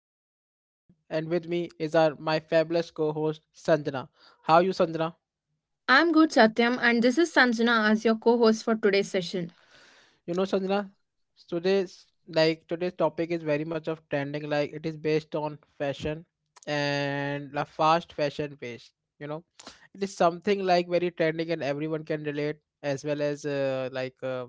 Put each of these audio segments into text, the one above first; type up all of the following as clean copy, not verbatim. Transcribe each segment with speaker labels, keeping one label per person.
Speaker 1: your host Satyam and with me is our my fabulous co-host Sanjana. How are you Sanjana?
Speaker 2: I'm good, Satyam, and this is Sanjana as your co host for today's session.
Speaker 1: You know Sanjana, today's topic is very much of trending like it is based on fashion and the fast fashion waste, you know. It is something like very trending and everyone can relate as well as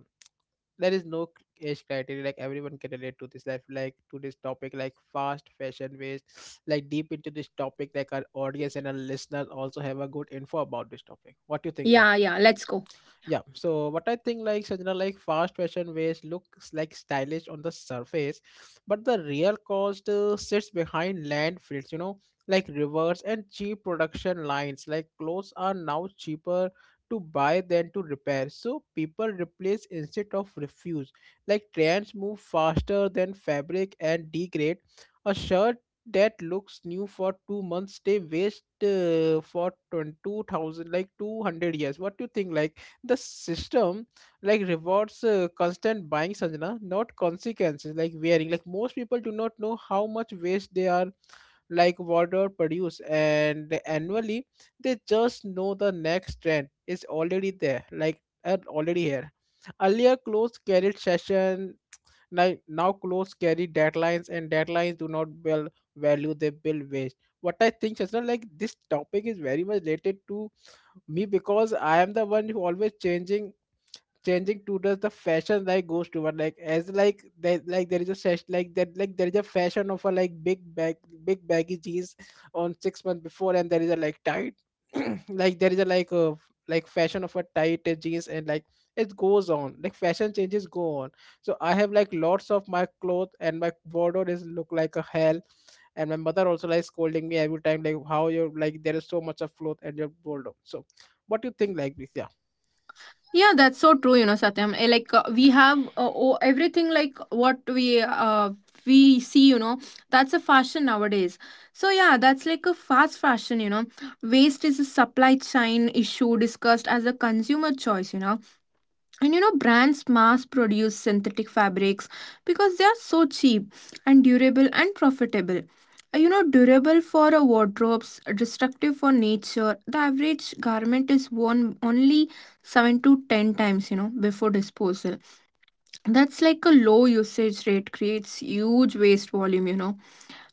Speaker 1: there is no age criteria like everyone can relate to this life like to this topic like fast fashion waste like deep into this topic like our audience and our listeners also have a good info about this topic. What do you think? Yeah
Speaker 2: Yeah, yeah, let's go.
Speaker 1: yeah, so what I think like Sanjana, like fast fashion ways looks like stylish on the surface, but the real cost sits behind landfills, you know, like rivers and cheap production lines. Like clothes are now cheaper to buy than to repair, so people replace instead of refuse. Like trends move faster than fabric and degrade. A shirt that looks new for 2 months, they waste for 20, 2000 like 200 years. What do you think? Like the system like rewards constant buying Sanjana, not consequences, like wearing, like most people do not know how much waste they are, like water produce, and annually they just know the next trend is already there, like and already here. Earlier clothes carried session, like now clothes carry deadlines, and deadlines do not build value, they build waste. What I think Sanjana, like this topic is very much related to me because I am the one who always changing tutors the fashion like goes toward like as like there is a sesh like that, like there is a fashion of a like big baggy jeans on 6 months before, and there is a like tight like there is a like a like fashion of a tight jeans, and like it goes on, like fashion changes go on. So I have like lots of my clothes, and my wardrobe is look like a hell, and my mother also like scolding me every time like how you're like there is so much of clothes and your wardrobe. So
Speaker 2: Yeah,
Speaker 1: what do you think like this? Yeah.
Speaker 2: Yeah, that's so true, you know, Satyam. We have everything like what we see, you know, that's a fashion nowadays. So yeah, that's like a fast fashion, you know. Waste is a supply chain issue discussed as a consumer choice, you know, and you know, brands mass produce synthetic fabrics because they are so cheap and durable and profitable. You know, durable for a wardrobes, destructive for nature. The average garment is worn only 7 to 10 times, you know, before disposal. That's like a low usage rate creates huge waste volume, you know,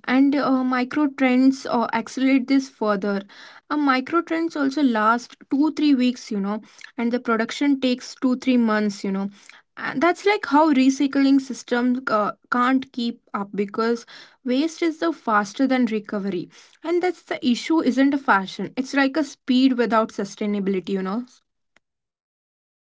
Speaker 2: and micro trends accelerate this further. Micro trends also last 2 3 weeks, you know, and the production takes 2 3 months, you know, and that's like how recycling system can't keep up because waste is the faster than recovery, and that's the issue isn't a fashion, it's like a speed without sustainability, you know.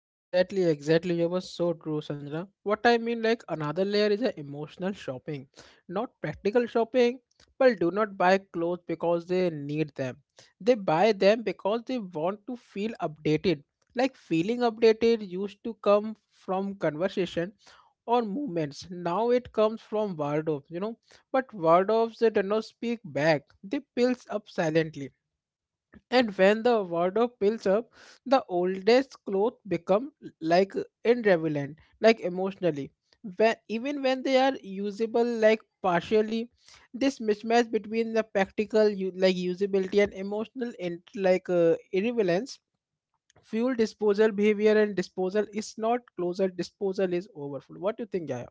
Speaker 1: Exactly, exactly. You were so true, Sanjana. What I mean, like another layer is a emotional shopping, not practical shopping. People do not buy clothes because they need them. They buy them because they want to feel updated. Like feeling updated used to come from conversation or movements. Now it comes from wardrobes, you know. But wardrobes they do not speak back. They pills up silently. And when the wardrobe builds up, the oldest clothes become like irrelevant, like emotionally. When, even when they are usable, like partially, this mismatch between the practical, like usability, and emotional, and irrelevance, fuel disposal behavior, and disposal is not closer. Disposal is overfull. What do you think, Jaya?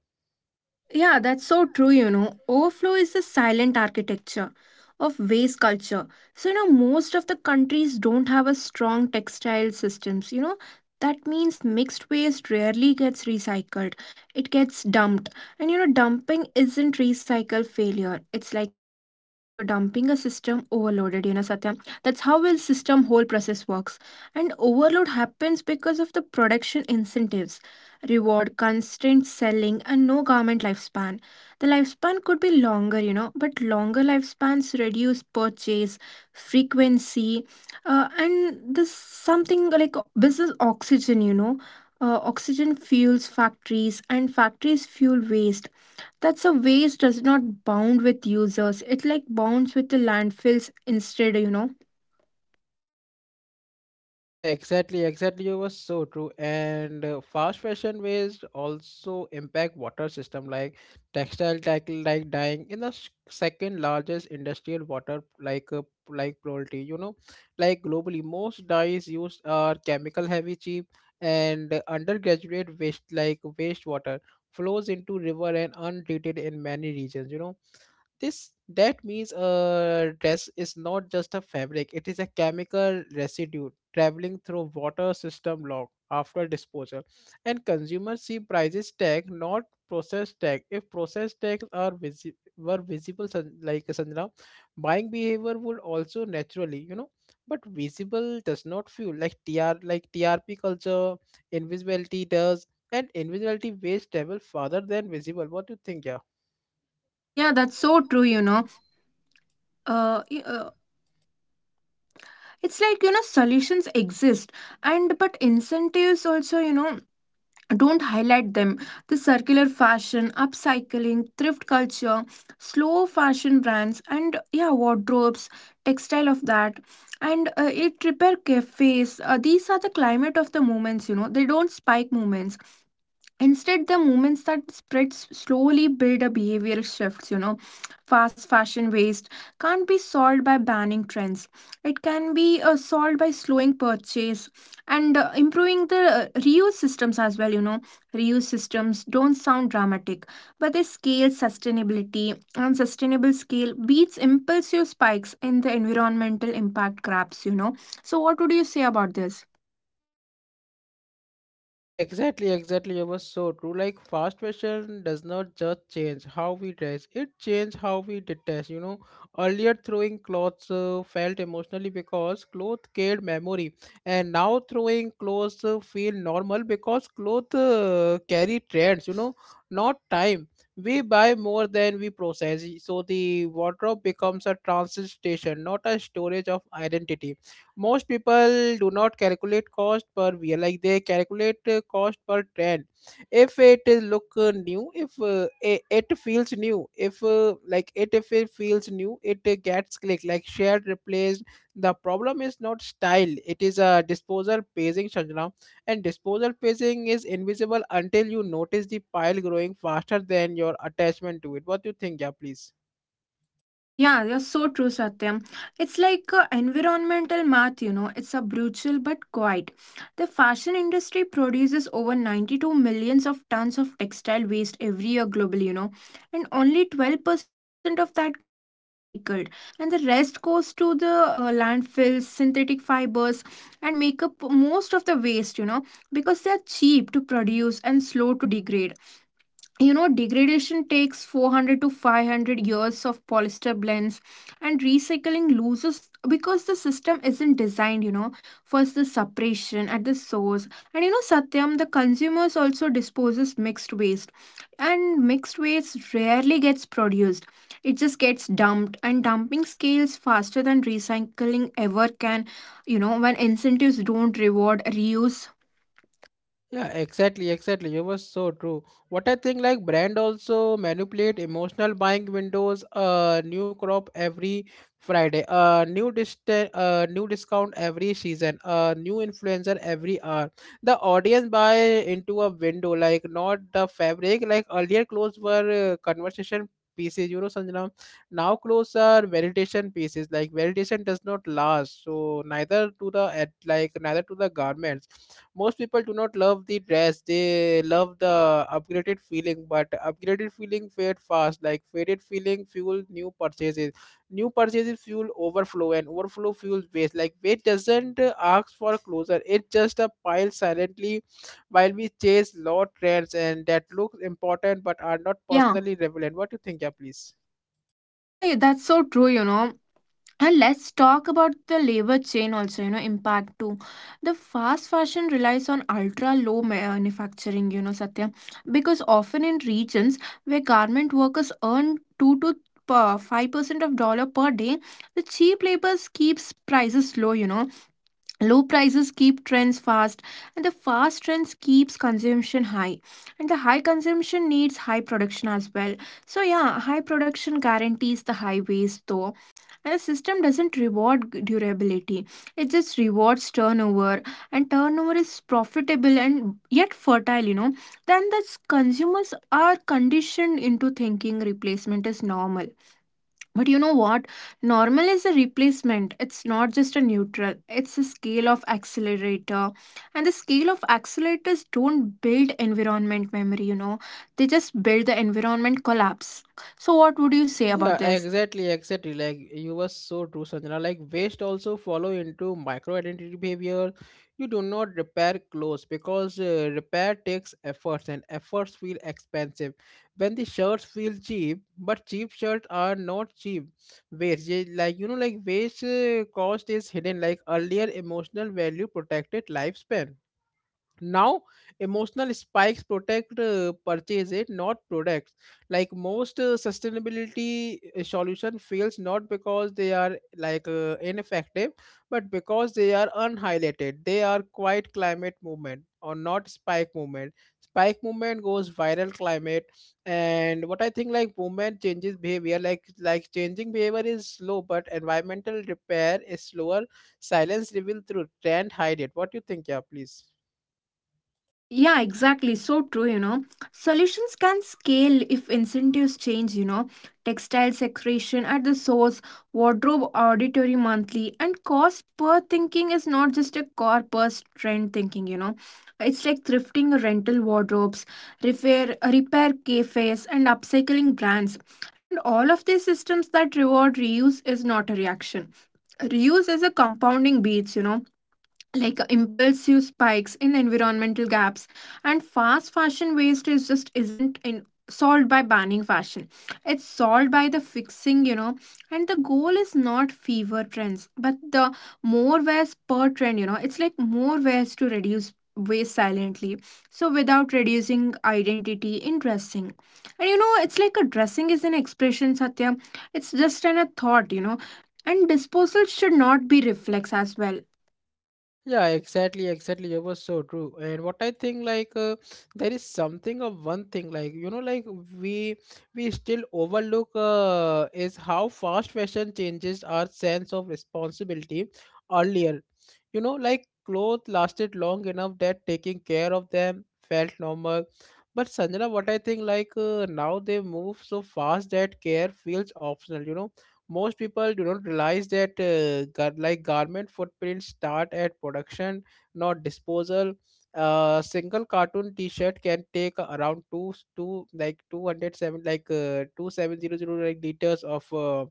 Speaker 2: Yeah, that's so true, you know. Overflow is the silent architecture of waste culture. So, you know, most of the countries don't have a strong textile systems, you know. That means mixed waste rarely gets recycled. It gets dumped. And you know, dumping isn't recycle failure. It's like a dumping a system overloaded, you know, Satyam. That's how will system whole process works. And overload happens because of the production incentives reward, constant selling, and no garment lifespan. The lifespan could be longer, you know, but longer lifespans reduce purchase frequency and this something like business oxygen, you know. Oxygen fuels factories, and factories fuel waste. That's a waste does not bound with users. It like bounds with the landfills instead, you know.
Speaker 1: Yeah, exactly, exactly. You were so true. And fast fashion waste also impact water system, like textile tackle like dyeing in the second largest industrial water like poultry. You know, like globally, most dyes used are chemical heavy, cheap, and undergraduate waste like wastewater flows into river and untreated in many regions. You know, this that means a dress is not just a fabric, it is a chemical residue traveling through water system log after disposal. And consumers see prices tag not process tag. If process tags are were visible like Sanjana, buying behavior would also naturally, you know, but visible does not feel like tr like trp culture, invisibility does, and invisibility weighs travel farther than visible. What do you think? Yeah.
Speaker 2: Yeah, that's so true, you know. Uh, y- uh, it's like, you know, solutions exist and but incentives also, you know, don't highlight them, the circular fashion, upcycling, thrift culture, slow fashion brands, and yeah, wardrobes, textile of that, and it repair cafes, these are the climate of the moments, you know, they don't spike moments. Instead, the movements that spreads slowly build a behavioral shifts, you know. Fast fashion waste can't be solved by banning trends. It can be solved by slowing purchase and improving the reuse systems as well, you know. Reuse systems don't sound dramatic, but they scale sustainability, and sustainable scale beats impulsive spikes in the environmental impact grabs, you know. So what would you say about this?
Speaker 1: Yeah, exactly, exactly. It was so true. Like fast fashion does not just change how we dress; it changes how we detest. You know, earlier throwing clothes felt emotionally because clothes carried memory, and now throwing clothes feel normal because clothes carry trends. You know, not time. We buy more than we process, so the wardrobe becomes a transit station, not a storage of identity. Most people do not calculate cost per view, like they calculate cost per trend. If it is look new, if it feels new, if like it if it feels new, it gets clicked, like shared, replaced. The problem is not style, it is a disposal pacing, Sanjana. And disposal pacing is invisible until you notice the pile growing faster than your attachment to it. What do you think? Yeah, please.
Speaker 2: Yeah, you're so true, Satyam. It's like a environmental math, you know. It's a brutal but quiet. The fashion industry produces over 92 millions of tons of textile waste every year globally, you know, and only 12% of that gets recycled, and the rest goes to the landfills, synthetic fibers, and make up most of the waste, you know, because they are cheap to produce and slow to degrade. You know, degradation takes 400 to 500 years of polyester blends, and recycling loses because the system isn't designed, you know, for the separation at the source. And you know, Satyam, the consumers also disposes mixed waste, and mixed waste rarely gets produced. It just gets dumped, and dumping scales faster than recycling ever can, you know, when incentives don't reward reuse.
Speaker 1: Yeah, exactly, exactly. You were so true. What I think, like brand also manipulate emotional buying windows. New crop every Friday. New dist. New discount every season. New influencer every hour. The audience buy into a window, like not the fabric. Like earlier, clothes were conversation pieces. You know, Sanjana. Now clothes are validation pieces. Like validation does not last. So neither to the neither to the garments. Most people do not love the dress, they love the upgraded feeling, but upgraded feeling fade fast, like faded feeling fuel new purchases, new purchases fuel overflow, and overflow fuels waste. Like waste doesn't ask for closure, it just a pile silently while we chase low trends and that looks important but are not
Speaker 2: yeah
Speaker 1: personally relevant. What do you think? Yeah, please.
Speaker 2: yeah yeah, that's so true, you know. And let's talk about the labor chain also, you know, impact too. The fast fashion relies on ultra low manufacturing, you know, Satya, because often in regions where garment workers earn 2 to 5% of dollar per day. The cheap labor keeps prices low, you know, low prices keep trends fast, and the fast trends keeps consumption high, and the high consumption needs high production as well. So yeah, high production guarantees the high waste though, and the system doesn't reward durability, it just rewards turnover, and turnover is profitable and yet fertile, you know. Then the consumers are conditioned into thinking replacement is normal. But you know what? Normal is a replacement. It's not just a neutral. It's a scale of accelerator. And the scale of accelerators don't build environment memory, you know. They just build the environment collapse. So what would you say about
Speaker 1: Yeah,
Speaker 2: this?
Speaker 1: exactly, exactly. Like you were so true, Sanjana. Like waste also follow into micro identity behavior. You do not repair clothes because repair takes efforts, and efforts feel expensive. When the shirts feel cheap, but cheap shirts are not cheap. Waste, yeah, like you know, like waste cost is hidden. Like earlier, emotional value protected lifespan. Now emotional spikes protect purchase it, not products. Like most sustainability solution fails not because they are ineffective, but because they are unhighlighted. They are quite climate movement or not spike movement. Spike movement goes viral climate. And what I think like movement changes behavior, changing behavior is slow, but environmental repair is slower. Silence revealed through trend hide it. What do you think? Yeah, please.
Speaker 2: Yeah, exactly. So true, you know. Solutions can scale if incentives change, you know. Textile secretion at the source, wardrobe auditory monthly, and cost per thinking is not just a core per trend thinking, you know. It's like thrifting rental wardrobes, repair cafes, and upcycling brands. And all of these systems that reward reuse is not a reaction. Reuse is a compounding beats, you know, like impulsive spikes in environmental gaps. And fast fashion waste is just isn't in solved by banning fashion, it's solved by the fixing, you know, and the goal is not fever trends, but the more wares per trend, you know. It's like more wares to reduce waste silently, so without reducing identity in dressing. And you know, it's like a dressing is an expression, Satya. It's just an a thought, you know. And disposal should not be reflex as well.
Speaker 1: Yeah, exactly, exactly. It was so true. And what I think, there is something of one thing, like, you know, like we we still overlook is how fast fashion changes our sense of responsibility. Earlier, you know, like clothes lasted long enough that taking care of them felt normal. But Sanjana, what I think, now they move so fast that care feels optional. You know most people do not realize that garment footprints start at production, not disposal. A single cartoon t-shirt can take around two two like 207 like 2700 like liters of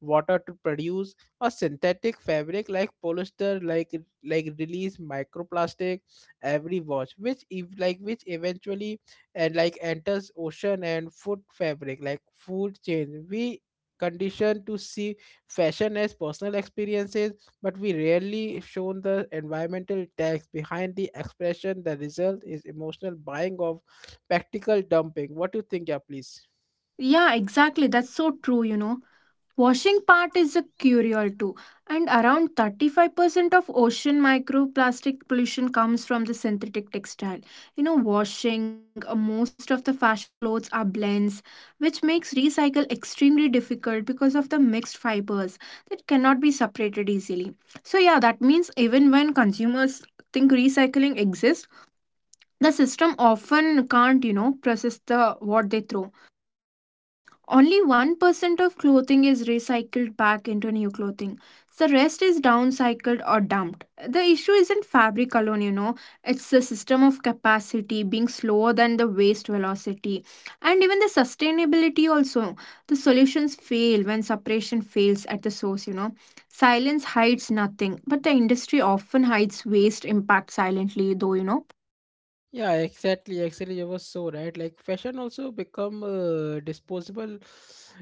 Speaker 1: water to produce. A synthetic fabric like polyester like release microplastic every watch which if like which eventually and like enters ocean and food fabric like food chain. We conditioned to see fashion as personal experiences, but we rarely shown the environmental tax behind the expression. The result is emotional buying of practical dumping. What do you think? Yeah, please.
Speaker 2: Yeah, exactly. That's so true, you know. Washing part is a curial too, and around 35% of ocean microplastic pollution comes from the synthetic textile. You know, washing, most of the fashion clothes are blends, which makes recycle extremely difficult because of the mixed fibers that cannot be separated easily. So, yeah, that means even when consumers think recycling exists, the system often can't, you know, process the what they throw. Only 1% of clothing is recycled back into new clothing. The rest is downcycled or dumped. The issue isn't fabric alone, you know. It's the system of capacity being slower than the waste velocity. And even the sustainability also. The solutions fail when separation fails at the source, you know. Silence hides nothing, but the industry often hides waste impact silently, though, you know.
Speaker 1: Yeah, exactly. Actually, you were so right. Like fashion also become disposable,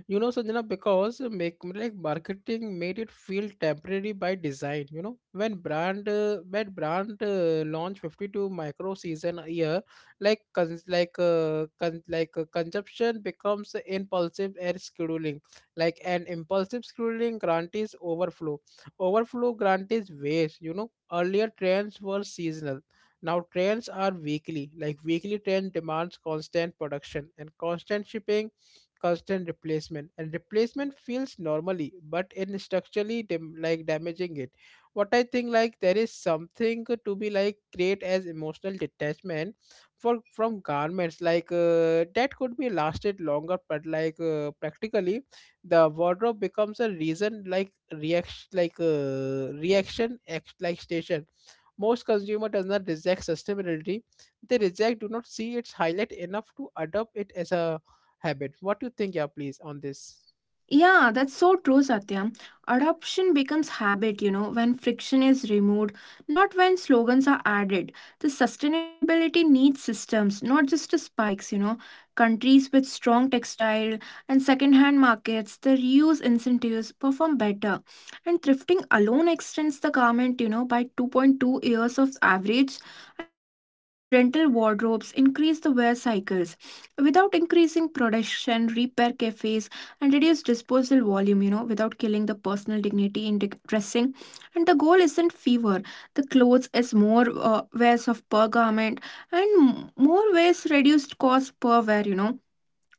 Speaker 1: you know, Sanjana, because make like marketing made it feel temporary by design. You know, when brand launched 52 micro season a year, like consumption becomes impulsive and scheduling, like an impulsive scheduling guarantees overflow, overflow guarantees waste. You know, earlier trends were seasonal, now trends are weekly, like weekly trend demands constant production and constant shipping, constant replacement, and replacement feels normally, but in structurally damaging it. What I think like there is something to be like create as emotional detachment for from garments that could be lasted longer, but practically the wardrobe becomes a reason like reaction reaction act like station. Most consumer does not reject sustainability. They reject do not see its highlight enough to adopt it as a habit. What do you think? Yeah, please, on this?
Speaker 2: Yeah, that's so true, Satyam. Adoption becomes habit, you know, when friction is removed, not when slogans are added. The sustainability needs systems, not just the spikes, you know. Countries with strong textile and second-hand markets, the reuse incentives perform better. And thrifting alone extends the garment, you know, by 2.2 years of average, and rental wardrobes increase the wear cycles without increasing production, repair cafes and reduce disposal volume, you know, without killing the personal dignity in dressing. And the goal isn't fever. The clothes is more wears of per garment, and more wears reduced cost per wear, you know.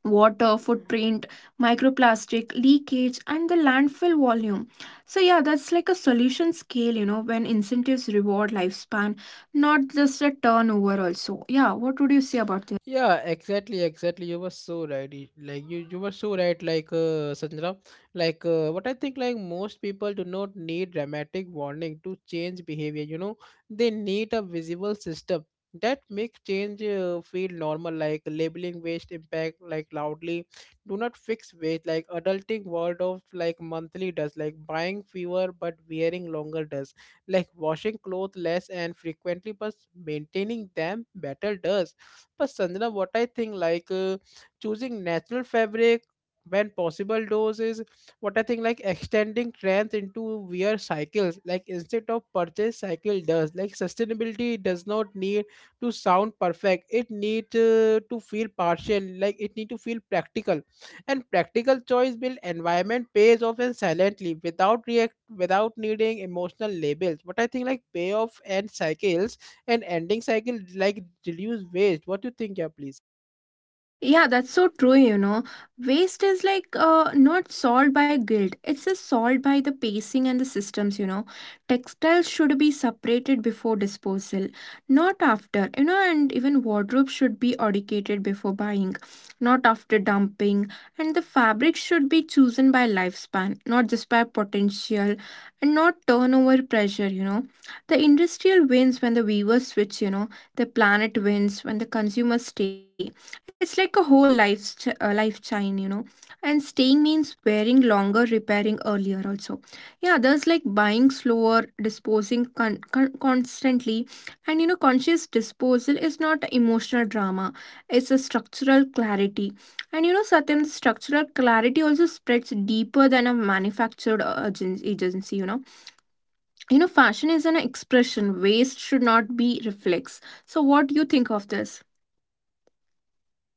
Speaker 2: Water footprint, microplastic leakage, and the landfill volume. So, yeah, that's like a solution scale, you know, when incentives reward lifespan, not just a turnover, also. Yeah, what would you say about this?
Speaker 1: Yeah, exactly, exactly, you were so right, like you were so right, Sanjana. What I think, most people do not need dramatic warning to change behavior, you know. They need a visible system that makes change feel normal. Like labeling waste impact like loudly do not fix waste, like adulting world of like monthly does, like buying fewer but wearing longer does, like washing clothes less and frequently but maintaining them better does. पसंद ना what I think like choosing natural fabric when possible, those is what I think, like extending trends into wear cycles like instead of purchase cycle does. Like sustainability does not need to sound perfect, it need to feel partial, like it need to feel practical, and practical choice build environment pays off and silently without react, without needing emotional labels. What I think like payoff and cycles and ending cycle like reduce waste. What do you think? Yeah, please.
Speaker 2: Yeah, that's so true, you know. Waste is like not solved by guilt. It's just solved by the pacing and the systems, you know. Textiles should be separated before disposal, not after, you know, and even wardrobe should be audited before buying, not after dumping. And the fabric should be chosen by lifespan, not just by potential and not turnover pressure, you know. The industrial wins when the weavers switch, you know. The planet wins when the consumers stay. It's like a whole life chain, you know. And staying means wearing longer, repairing earlier also. Yeah, there's like buying slower, disposing constantly. And you know, conscious disposal is not emotional drama. It's a structural clarity. And you know, certain structural clarity also spreads deeper than a manufactured agency, you know. You know, fashion is an expression. Waste should not be reflex. So what do you think of this?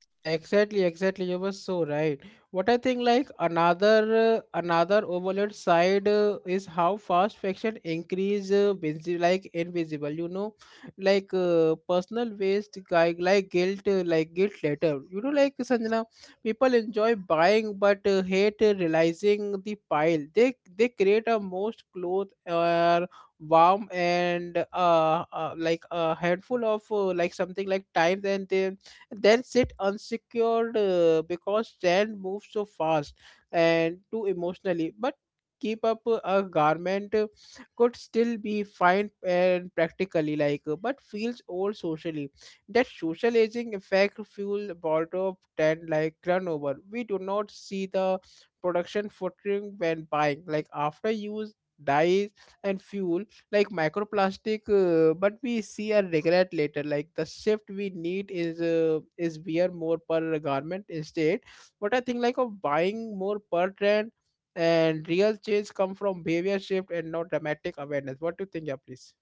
Speaker 1: Yeah, exactly, exactly. You were so right. What I think, like another another overload side is how fast fiction increase like invisible. You know, like personal waste, like guilt later. You know, like Sanjana, people enjoy buying but hate realizing the pile. They create a most clothes or warm and like a handful of like something like times, and they then sit unsecured because sand moves so fast and too emotionally, but keep up a garment could still be fine and practically but feels old socially. That social aging effect fuel border of 10 like turnover. We do not see the production footprint when buying, like after use, dyes and fuel like microplastic, but we see a regret later. Like the shift we need is wear more per garment instead, what I think, like of buying more per trend, and real change come from behavior shift and not dramatic awareness. What do you think? Yeah, please.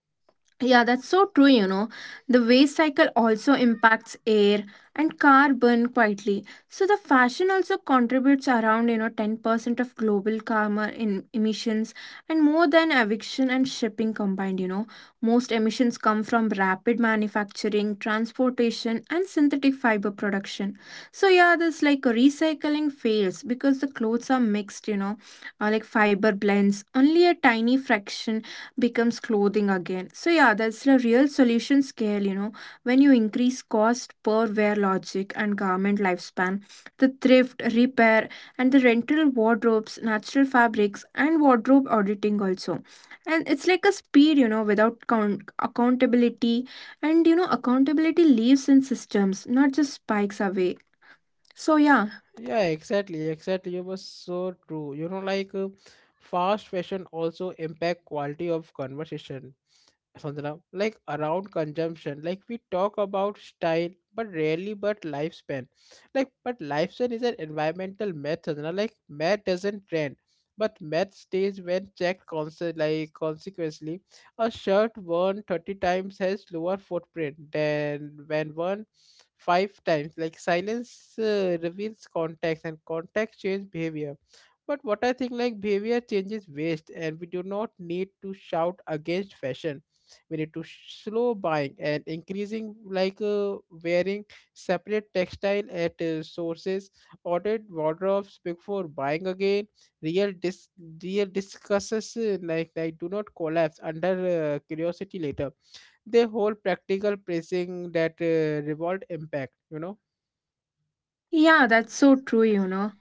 Speaker 2: Yeah, that's so true, you know. The waste cycle also impacts air and carbon quietly. So the fashion also contributes around, you know, 10% of global carbon in emissions and more than eviction and shipping combined, you know. Most emissions come from rapid manufacturing, transportation and synthetic fiber production. So yeah, this like recycling fails because the clothes are mixed, you know, or like fiber blends. Only a tiny fraction becomes clothing again. So yeah, that's the real solution scale, you know. When you increase cost per wear logic and garment lifespan, the thrift, repair, and the rental wardrobes, natural fabrics, and wardrobe auditing also. And it's like a speed, you know, without accountability. And you know, accountability lives in systems, not just spikes away. So yeah,
Speaker 1: Yeah, exactly, exactly, you was so true, you know. Fast fashion also impact quality of conversation, Sundaram, like around consumption. Like we talk about style, but rarely but lifespan. Like but lifespan is an environmental math, Sundaram. Like math doesn't trend, but math stays when checked constant like consequently. A shirt worn 30 times has lower footprint than when worn five times. Like silence reveals context, and context change behavior. But what I think, like behavior changes waste, and we do not need to shout against fashion. We need to slow buying and increasing wearing, separate textile at sources, audit wardrobes before buying again. real dis Real discusses like do not collapse under curiosity later. They hold practical pricing that revolt impact, you know.
Speaker 2: yeah, that's so true, you know.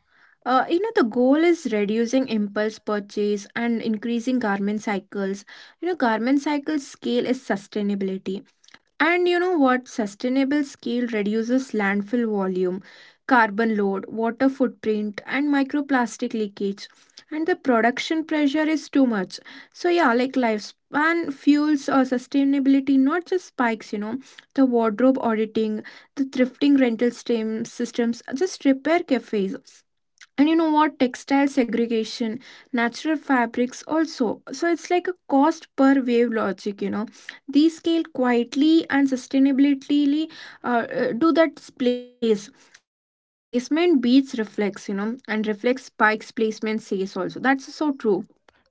Speaker 2: You know, the goal is reducing impulse purchase and increasing garment cycles. You know, garment cycle scale is sustainability. And you know what? Sustainable scale reduces landfill volume, carbon load, water footprint, and microplastic leakage. And the production pressure is too much. So, yeah, like lifespan fuels or sustainability, not just spikes, you know, the wardrobe auditing, the thrifting rental stem systems, just repair cafes, and you know what, textile segregation, natural fabrics also. So it's like a cost per wave logic, you know, these scale quietly and sustainably. Do that place. And yeah, placement beats reflex, you know, and reflex spikes, placement says also. That's so true.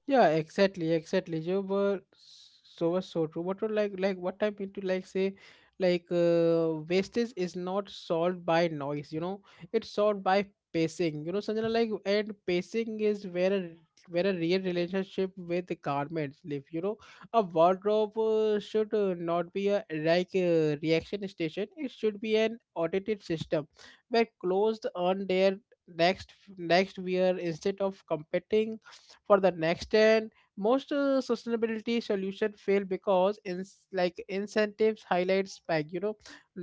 Speaker 1: Yeah, exactly, exactly. You were so was so true. What I mean to like say, wastage is not solved by noise, you know. It's solved by pacing. You know, Sanjana, like and pacing is where a real relationship with the garments live. You know, a wardrobe should not be a like a reaction station. It should be an audited system where clothes earn their next wear instead of competing for the next 10. Most sustainability solution fail because in like incentives highlight spike, you know,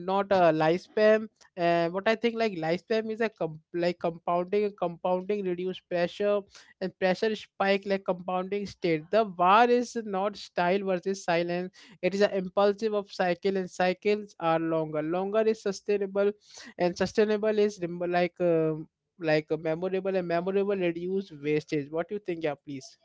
Speaker 1: not a lifespan. And what I think, like lifespan is a like compounding, and compounding reduce pressure and pressure spike. Like compounding state, the war is not style versus silence, it is an impulsive of cycle, and cycles are longer, longer is sustainable, and sustainable is like a memorable, and memorable reduced wastage. What do you think? Yeah, please.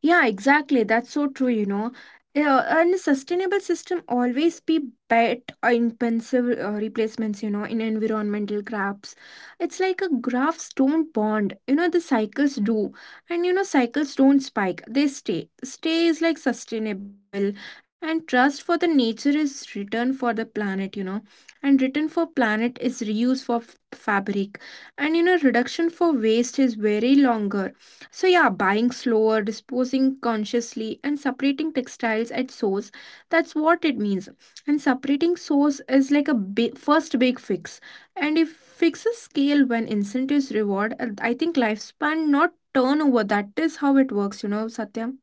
Speaker 2: Yeah, exactly. That's so true, you know. Yeah, and a sustainable system always be bet intensive replacements, you know, in environmental graphs. It's like a graphs don't bond, you know, the cycles do. And, you know, cycles don't spike, they stay. Stay is like sustainable, and trust for the nature is return for the planet, you know, and return for planet is reuse for fabric. And, you know, reduction for waste is very longer. So, yeah, buying slower, disposing consciously, and separating textiles at source, that's what it means. And separating source is like a big, first big fix. And if fixes scale when incentives reward, I think lifespan, not turnover, that is how it works, you know, Satyam.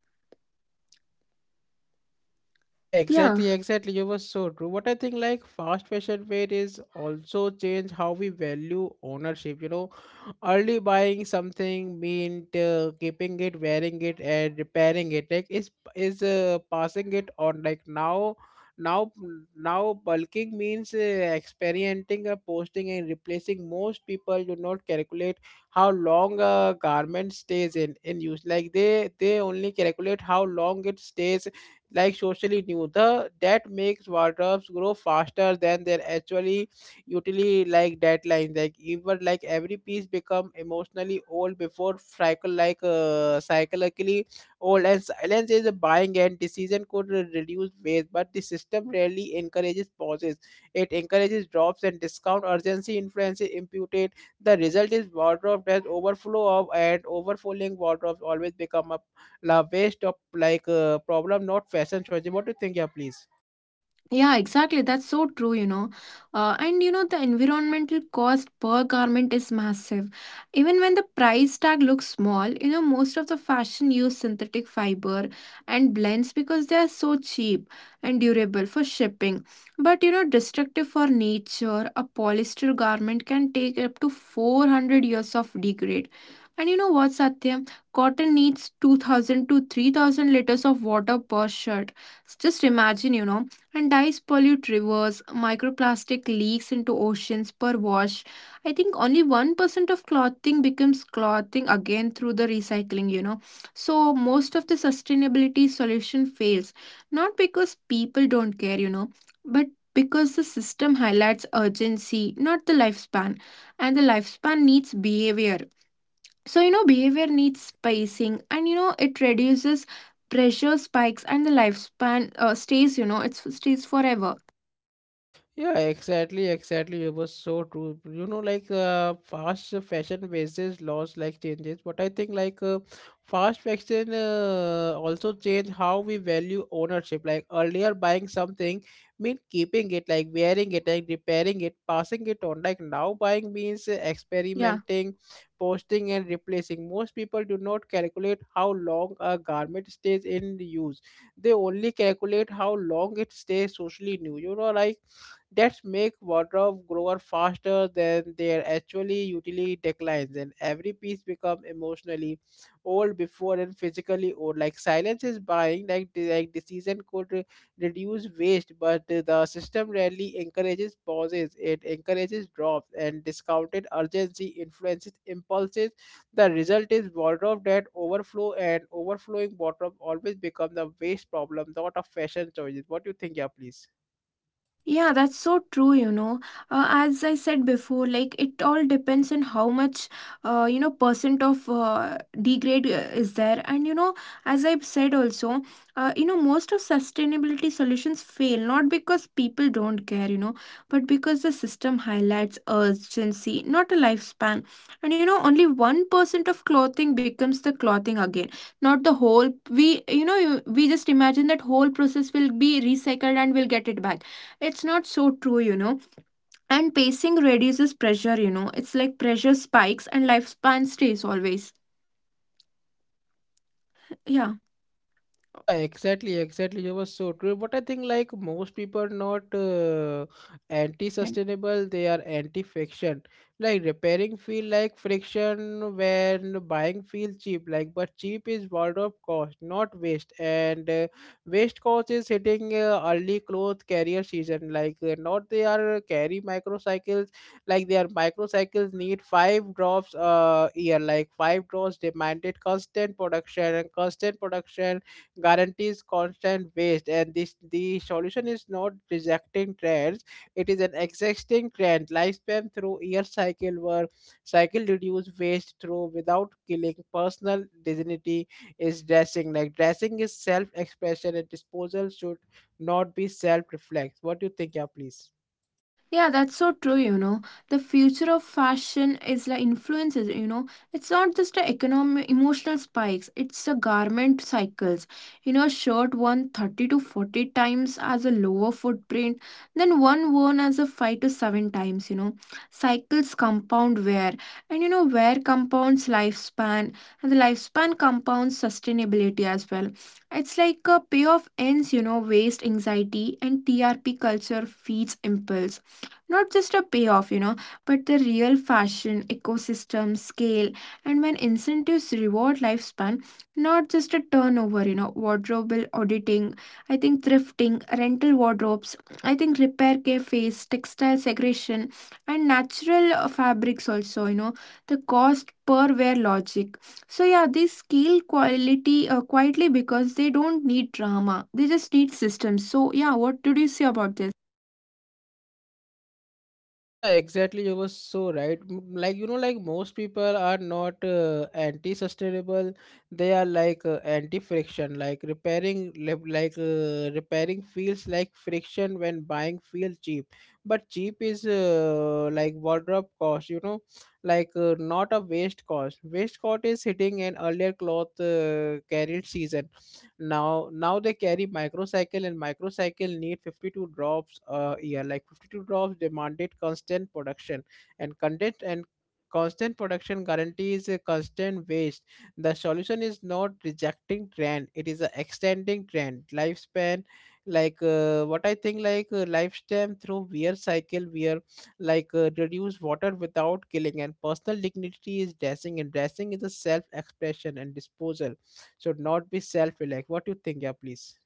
Speaker 1: Yeah, exactly,
Speaker 2: Yeah.
Speaker 1: exactly. You were so true. What I think, like fast fashion weight is also change how we value ownership. You know, early buying something meant keeping it, wearing it, and repairing it. Like is passing it on. Like now, now, bulking means experimenting, posting, and replacing. Most people do not calculate how long a garment stays in use. Like they only calculate how long it stays like socially new. The that makes wardrobes grow faster than their actually utility like deadlines. Like even like every piece become emotionally old before cycle, psychologically old, and silence is a buying and decision could reduce waste, but the system rarely encourages pauses. It encourages drops and discount urgency influences imputed. The result is wardrobe has overflow of, and overflowing wardrobes always become a la waste of problem, not fashion choice. What do you think? Yeah, please.
Speaker 2: Yeah, exactly. That's so true, you know. And you know, the environmental cost per garment is massive. Even when the price tag looks small, you know, most of the fashion use synthetic fiber and blends because they are so cheap and durable for shipping. But you know, destructive for nature, a polyester garment can take up to 400 years of degrade. And you know what, Satya? Cotton needs 2000 to 3000 liters of water per shirt. Just imagine, you know, and dyes pollute rivers. Microplastic leaks into oceans per wash. I think only 1% of clothing becomes clothing again through the recycling, you know. So most of the sustainability solution fails, not because people don't care, you know, but because the system highlights urgency, not the lifespan, and the lifespan needs behavior. So, you know, behavior needs spacing and, you know, it reduces pressure spikes and the lifespan stays, you know, it stays forever.
Speaker 1: Yeah, exactly, exactly. It was so true. You know, fast fashion basis laws like changes, but I think fast fashion also change how we value ownership. Like earlier, buying something mean keeping it, like wearing it, like repairing it, passing it on. Like now, buying means
Speaker 2: Yeah.
Speaker 1: experimenting, posting, and replacing. Most people do not calculate how long a garment stays in use. They only calculate how long it stays socially new. You know, like that make wardrobe grower faster than their actually utility declines, and every piece become emotionally old before and physically old. Like silence is buying, like, like decision could reduce waste, but the system rarely encourages pauses. It encourages drops and discounted urgency influences impulses. The result is wardrobe that overflow, and overflowing wardrobe always become the waste problem, not a fashion choices. What do you think? Yeah, please.
Speaker 2: Yeah, that's so true, you know. As I said before, like it all depends on how much, you know, percent of degrade is there. And, you know, as I've said also, you know, most of sustainability solutions fail not because people don't care, you know, but because the system highlights urgency, not a lifespan. And, you know, only 1% of clothing becomes the clothing again, not the whole. We, you know, we just imagine that whole process will be recycled and we'll get it back. It's not so true, you know. And pacing reduces pressure, you know. It's like pressure spikes and lifespan stays always. Yeah.
Speaker 1: Yeah, exactly, exactly. You were so true. But I think like most people not anti-sustainable, they are anti-friction. Like repairing feel like friction when buying feel cheap. Like but cheap is wardrobe cost, not waste. And waste cost is hitting early clothes carrier season. Like not they are carry microcycles. Like their microcycles need five drops a year. Like five drops demanded constant production, and constant production guarantees constant waste, and this the solution is not rejecting trends, it is an existing trend lifespan through year cycle work. Cycle reduce waste through without killing personal dignity is dressing, like dressing is self expression, and disposal should not be self reflex. What do you think? Yeah, please.
Speaker 2: Yeah, that's so true, you know. The future of fashion is like influences, you know. It's not just a economic emotional spikes, it's a garment cycles. You know, a shirt worn 30 to 40 times as a lower footprint, then one worn as a 5 to 7 times, you know. Cycles compound wear, and you know, wear compounds lifespan, and the lifespan compounds sustainability as well. It's like a payoff ends, you know, waste anxiety and TRP culture feeds impulse, not just a payoff, you know, but the real fashion, ecosystem, scale, and when incentives reward lifespan, not just a turnover, you know, wardrobe auditing, I think thrifting, rental wardrobes, I think repair cafes, textile segregation, and natural fabrics also, you know, the cost per wear logic. So yeah, they scale quality quietly because they don't need drama. They just need systems. So yeah, what did you say about this?
Speaker 1: Yeah, exactly. You were so right. Like, you know, like most people are not anti-sustainable. They are anti-friction. Like repairing, repairing feels like friction when buying feels cheap. But cheap is like wardrobe cost. You know, not a waste cost. Waste cost is hitting an earlier cloth carried season. Now they carry microcycle, and microcycle need 52 drops a year, like 52 drops demanded constant production and constant production guarantees a constant waste. The solution is not rejecting trend, it is a extending trend lifespan. Like what I think like Lifespan through wear cycle wear reduce water without killing, and personal dignity is dressing, and dressing is a self expression, and disposal should not be self. Like, what do you think? Yeah, please.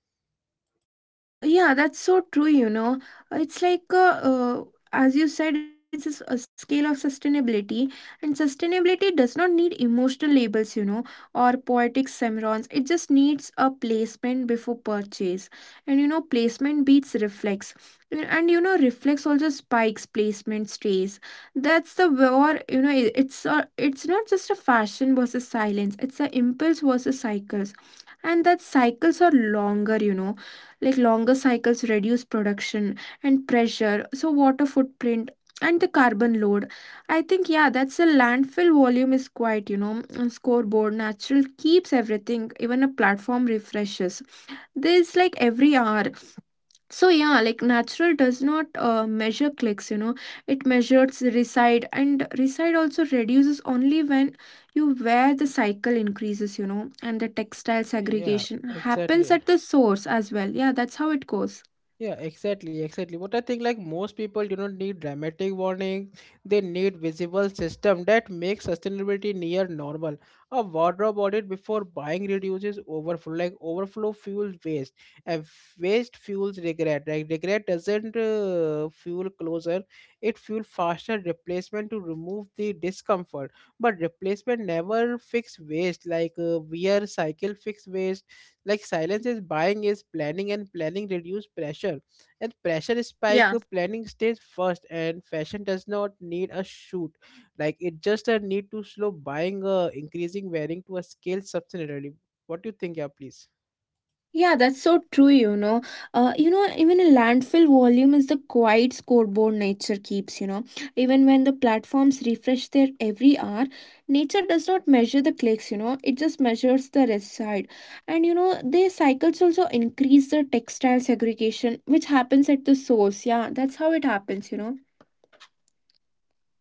Speaker 2: Yeah, that's so true, you know. It's like, uh, as you said, it's a, a scale of sustainability, and sustainability does not need emotional labels, you know, or poetic semrons. It just needs a placement before purchase. And, you know, placement beats reflex. And, you know, reflex also spikes, placement stays. That's the war, you know, it's, a, it's not just a fashion versus silence, it's a impulse versus cycles. And that cycles are longer, you know, like longer cycles reduce production and pressure, so water footprint and the carbon load. I think yeah, that's a landfill volume is quite, you know, and scoreboard natural keeps everything even a platform refreshes. There is like every hour. So yeah, like natural does not measure clicks, you know. It measures reside and reside also reduces only when you wear the cycle increases, you know, and the textile
Speaker 1: Yeah,
Speaker 2: segregation happens
Speaker 1: exactly.
Speaker 2: at the source as well. Yeah, that's how it goes.
Speaker 1: Yeah, exactly, exactly. But I think like most people do not need dramatic warning. They need visible system that makes sustainability near normal. A wardrobe audit before buying reduces overflow, like overflow fuels waste, and waste fuels regret. Like regret doesn't fuel closer; it fuel faster replacement to remove the discomfort. But replacement never fix waste. Like wear cycle fix waste, like silence is buying is planning, and planning reduce pressure and pressure spike.
Speaker 2: Yeah.
Speaker 1: Planning stays first, and fashion does not need a shoot, like it just a need to slow buying, increasing wearing to a scale substantially. What do you think? Yeah, please.
Speaker 2: Yeah, that's so true, you know. You know, even a landfill volume is the quiet scoreboard nature keeps, you know. Even when the platforms refresh their every hour, nature does not measure the clicks, you know. It just measures the reside. And, you know, their cycles also increase the textile segregation, which happens at the source. Yeah, that's how it happens, you know.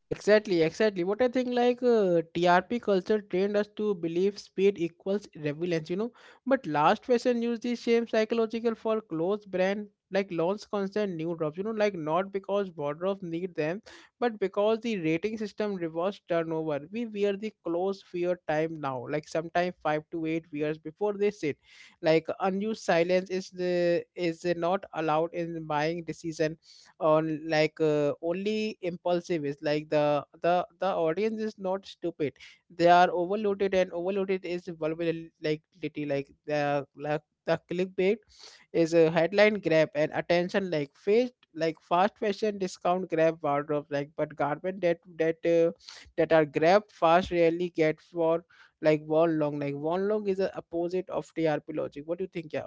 Speaker 1: Exactly, exactly. What I think, TRP culture trained us to believe speed equals relevance, you know. But last fashion used the same psychological for clothes brand like launch constant new drops, you know, like not because wardrobes need them, but because the rating system rewards turnover. We wear the clothes fear time now, like sometime 5 to 8 years before they sit. Like unused silence is the is not allowed in buying decision on only impulsive is like the audience is not stupid, they are overloaded, and overloaded is vulnerability. Like the clickbait is a headline grab and attention, like fast fashion discount grab wardrobe, like but garment that are grabbed fast rarely get for, like one long is the opposite of TRP logic. What do you think? Yeah.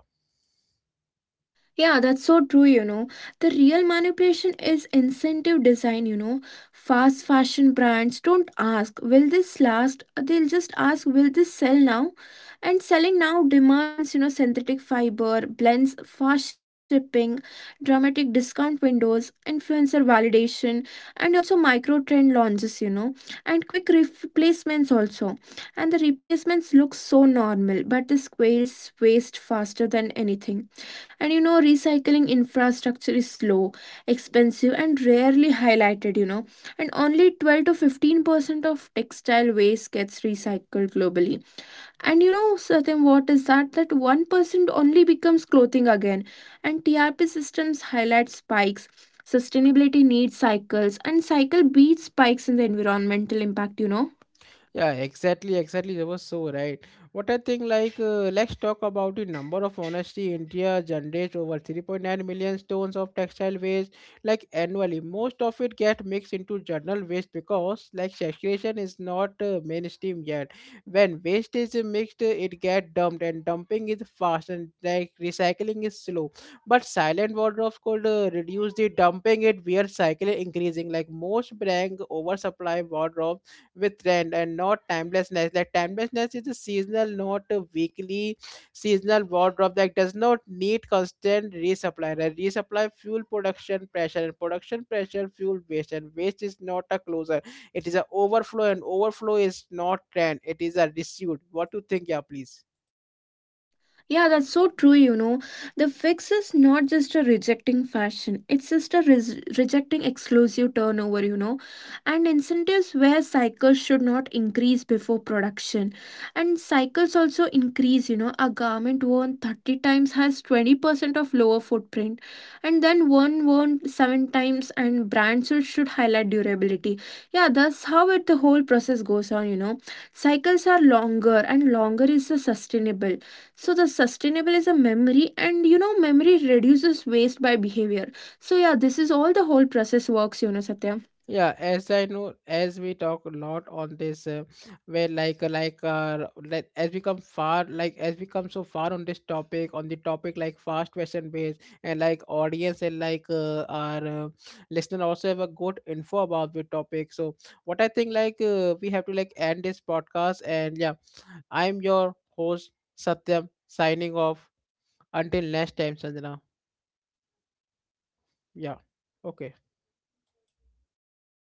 Speaker 2: Yeah, that's so true, you know. The real manipulation is incentive design, you know. Fast fashion brands don't ask, will this last? They'll just ask, will this sell now? And selling now demands, you know, synthetic fiber, blends, fast shipping, dramatic discount windows, influencer validation, and also micro trend launches, you know, and quick replacements also, and the replacements look so normal, but the squirrels waste faster than anything. And you know, recycling infrastructure is slow, expensive, and rarely highlighted, you know. And only 12 to 15% of textile waste gets recycled globally. And you know, Satyam, what is that? That 1% only becomes clothing again. And TRP systems highlight spikes. Sustainability needs cycles, and cycle beats spikes in the environmental impact, you know.
Speaker 1: Yeah, exactly, exactly. That was so right. What I think, like, let's talk about the number of honesty. India generates over 3.9 million tons of textile waste, like annually. Most of it get mixed into general waste because, like, segregation is not mainstream yet. When waste is mixed, it get dumped, and dumping is fast, and like recycling is slow. But silent wardrobes could reduce the dumping. It we are cycle increasing. Like most brand oversupply wardrobes with trend and not timelessness. Like timelessness is a seasonal, not a weekly. Seasonal wardrobe that does not need constant resupply. Right? Resupply fuel production pressure, and production pressure fuel waste, and waste is not a closer. It is an overflow, and overflow is not trend. It is a dispute. What do you think? Yeah, please.
Speaker 2: Yeah, that's so true, you know. The fix is not just a rejecting fashion, it's just a rejecting exclusive turnover, you know, and incentives where cycles should not increase before production. And cycles also increase, you know, a garment worn 30 times has 20% of lower footprint, and then one worn 7 times, and brands should highlight durability. Yeah, that's how it the whole process goes on, you know. Cycles are longer, and longer is the sustainable. So the sustainable is a memory, and you know, memory reduces waste by behavior. So yeah, this is all the whole process works, you know, Satya.
Speaker 1: Yeah, as I know, as we talk a lot on this, where like as we come far, like as we come so far on this topic, on the topic like fast fashion based, and like audience, and our listener also have a good info about the topic. So what I think, we have to like end this podcast. And yeah, I'm your host, Satyam, signing off. Until next time, Sanjana. Yeah. Okay.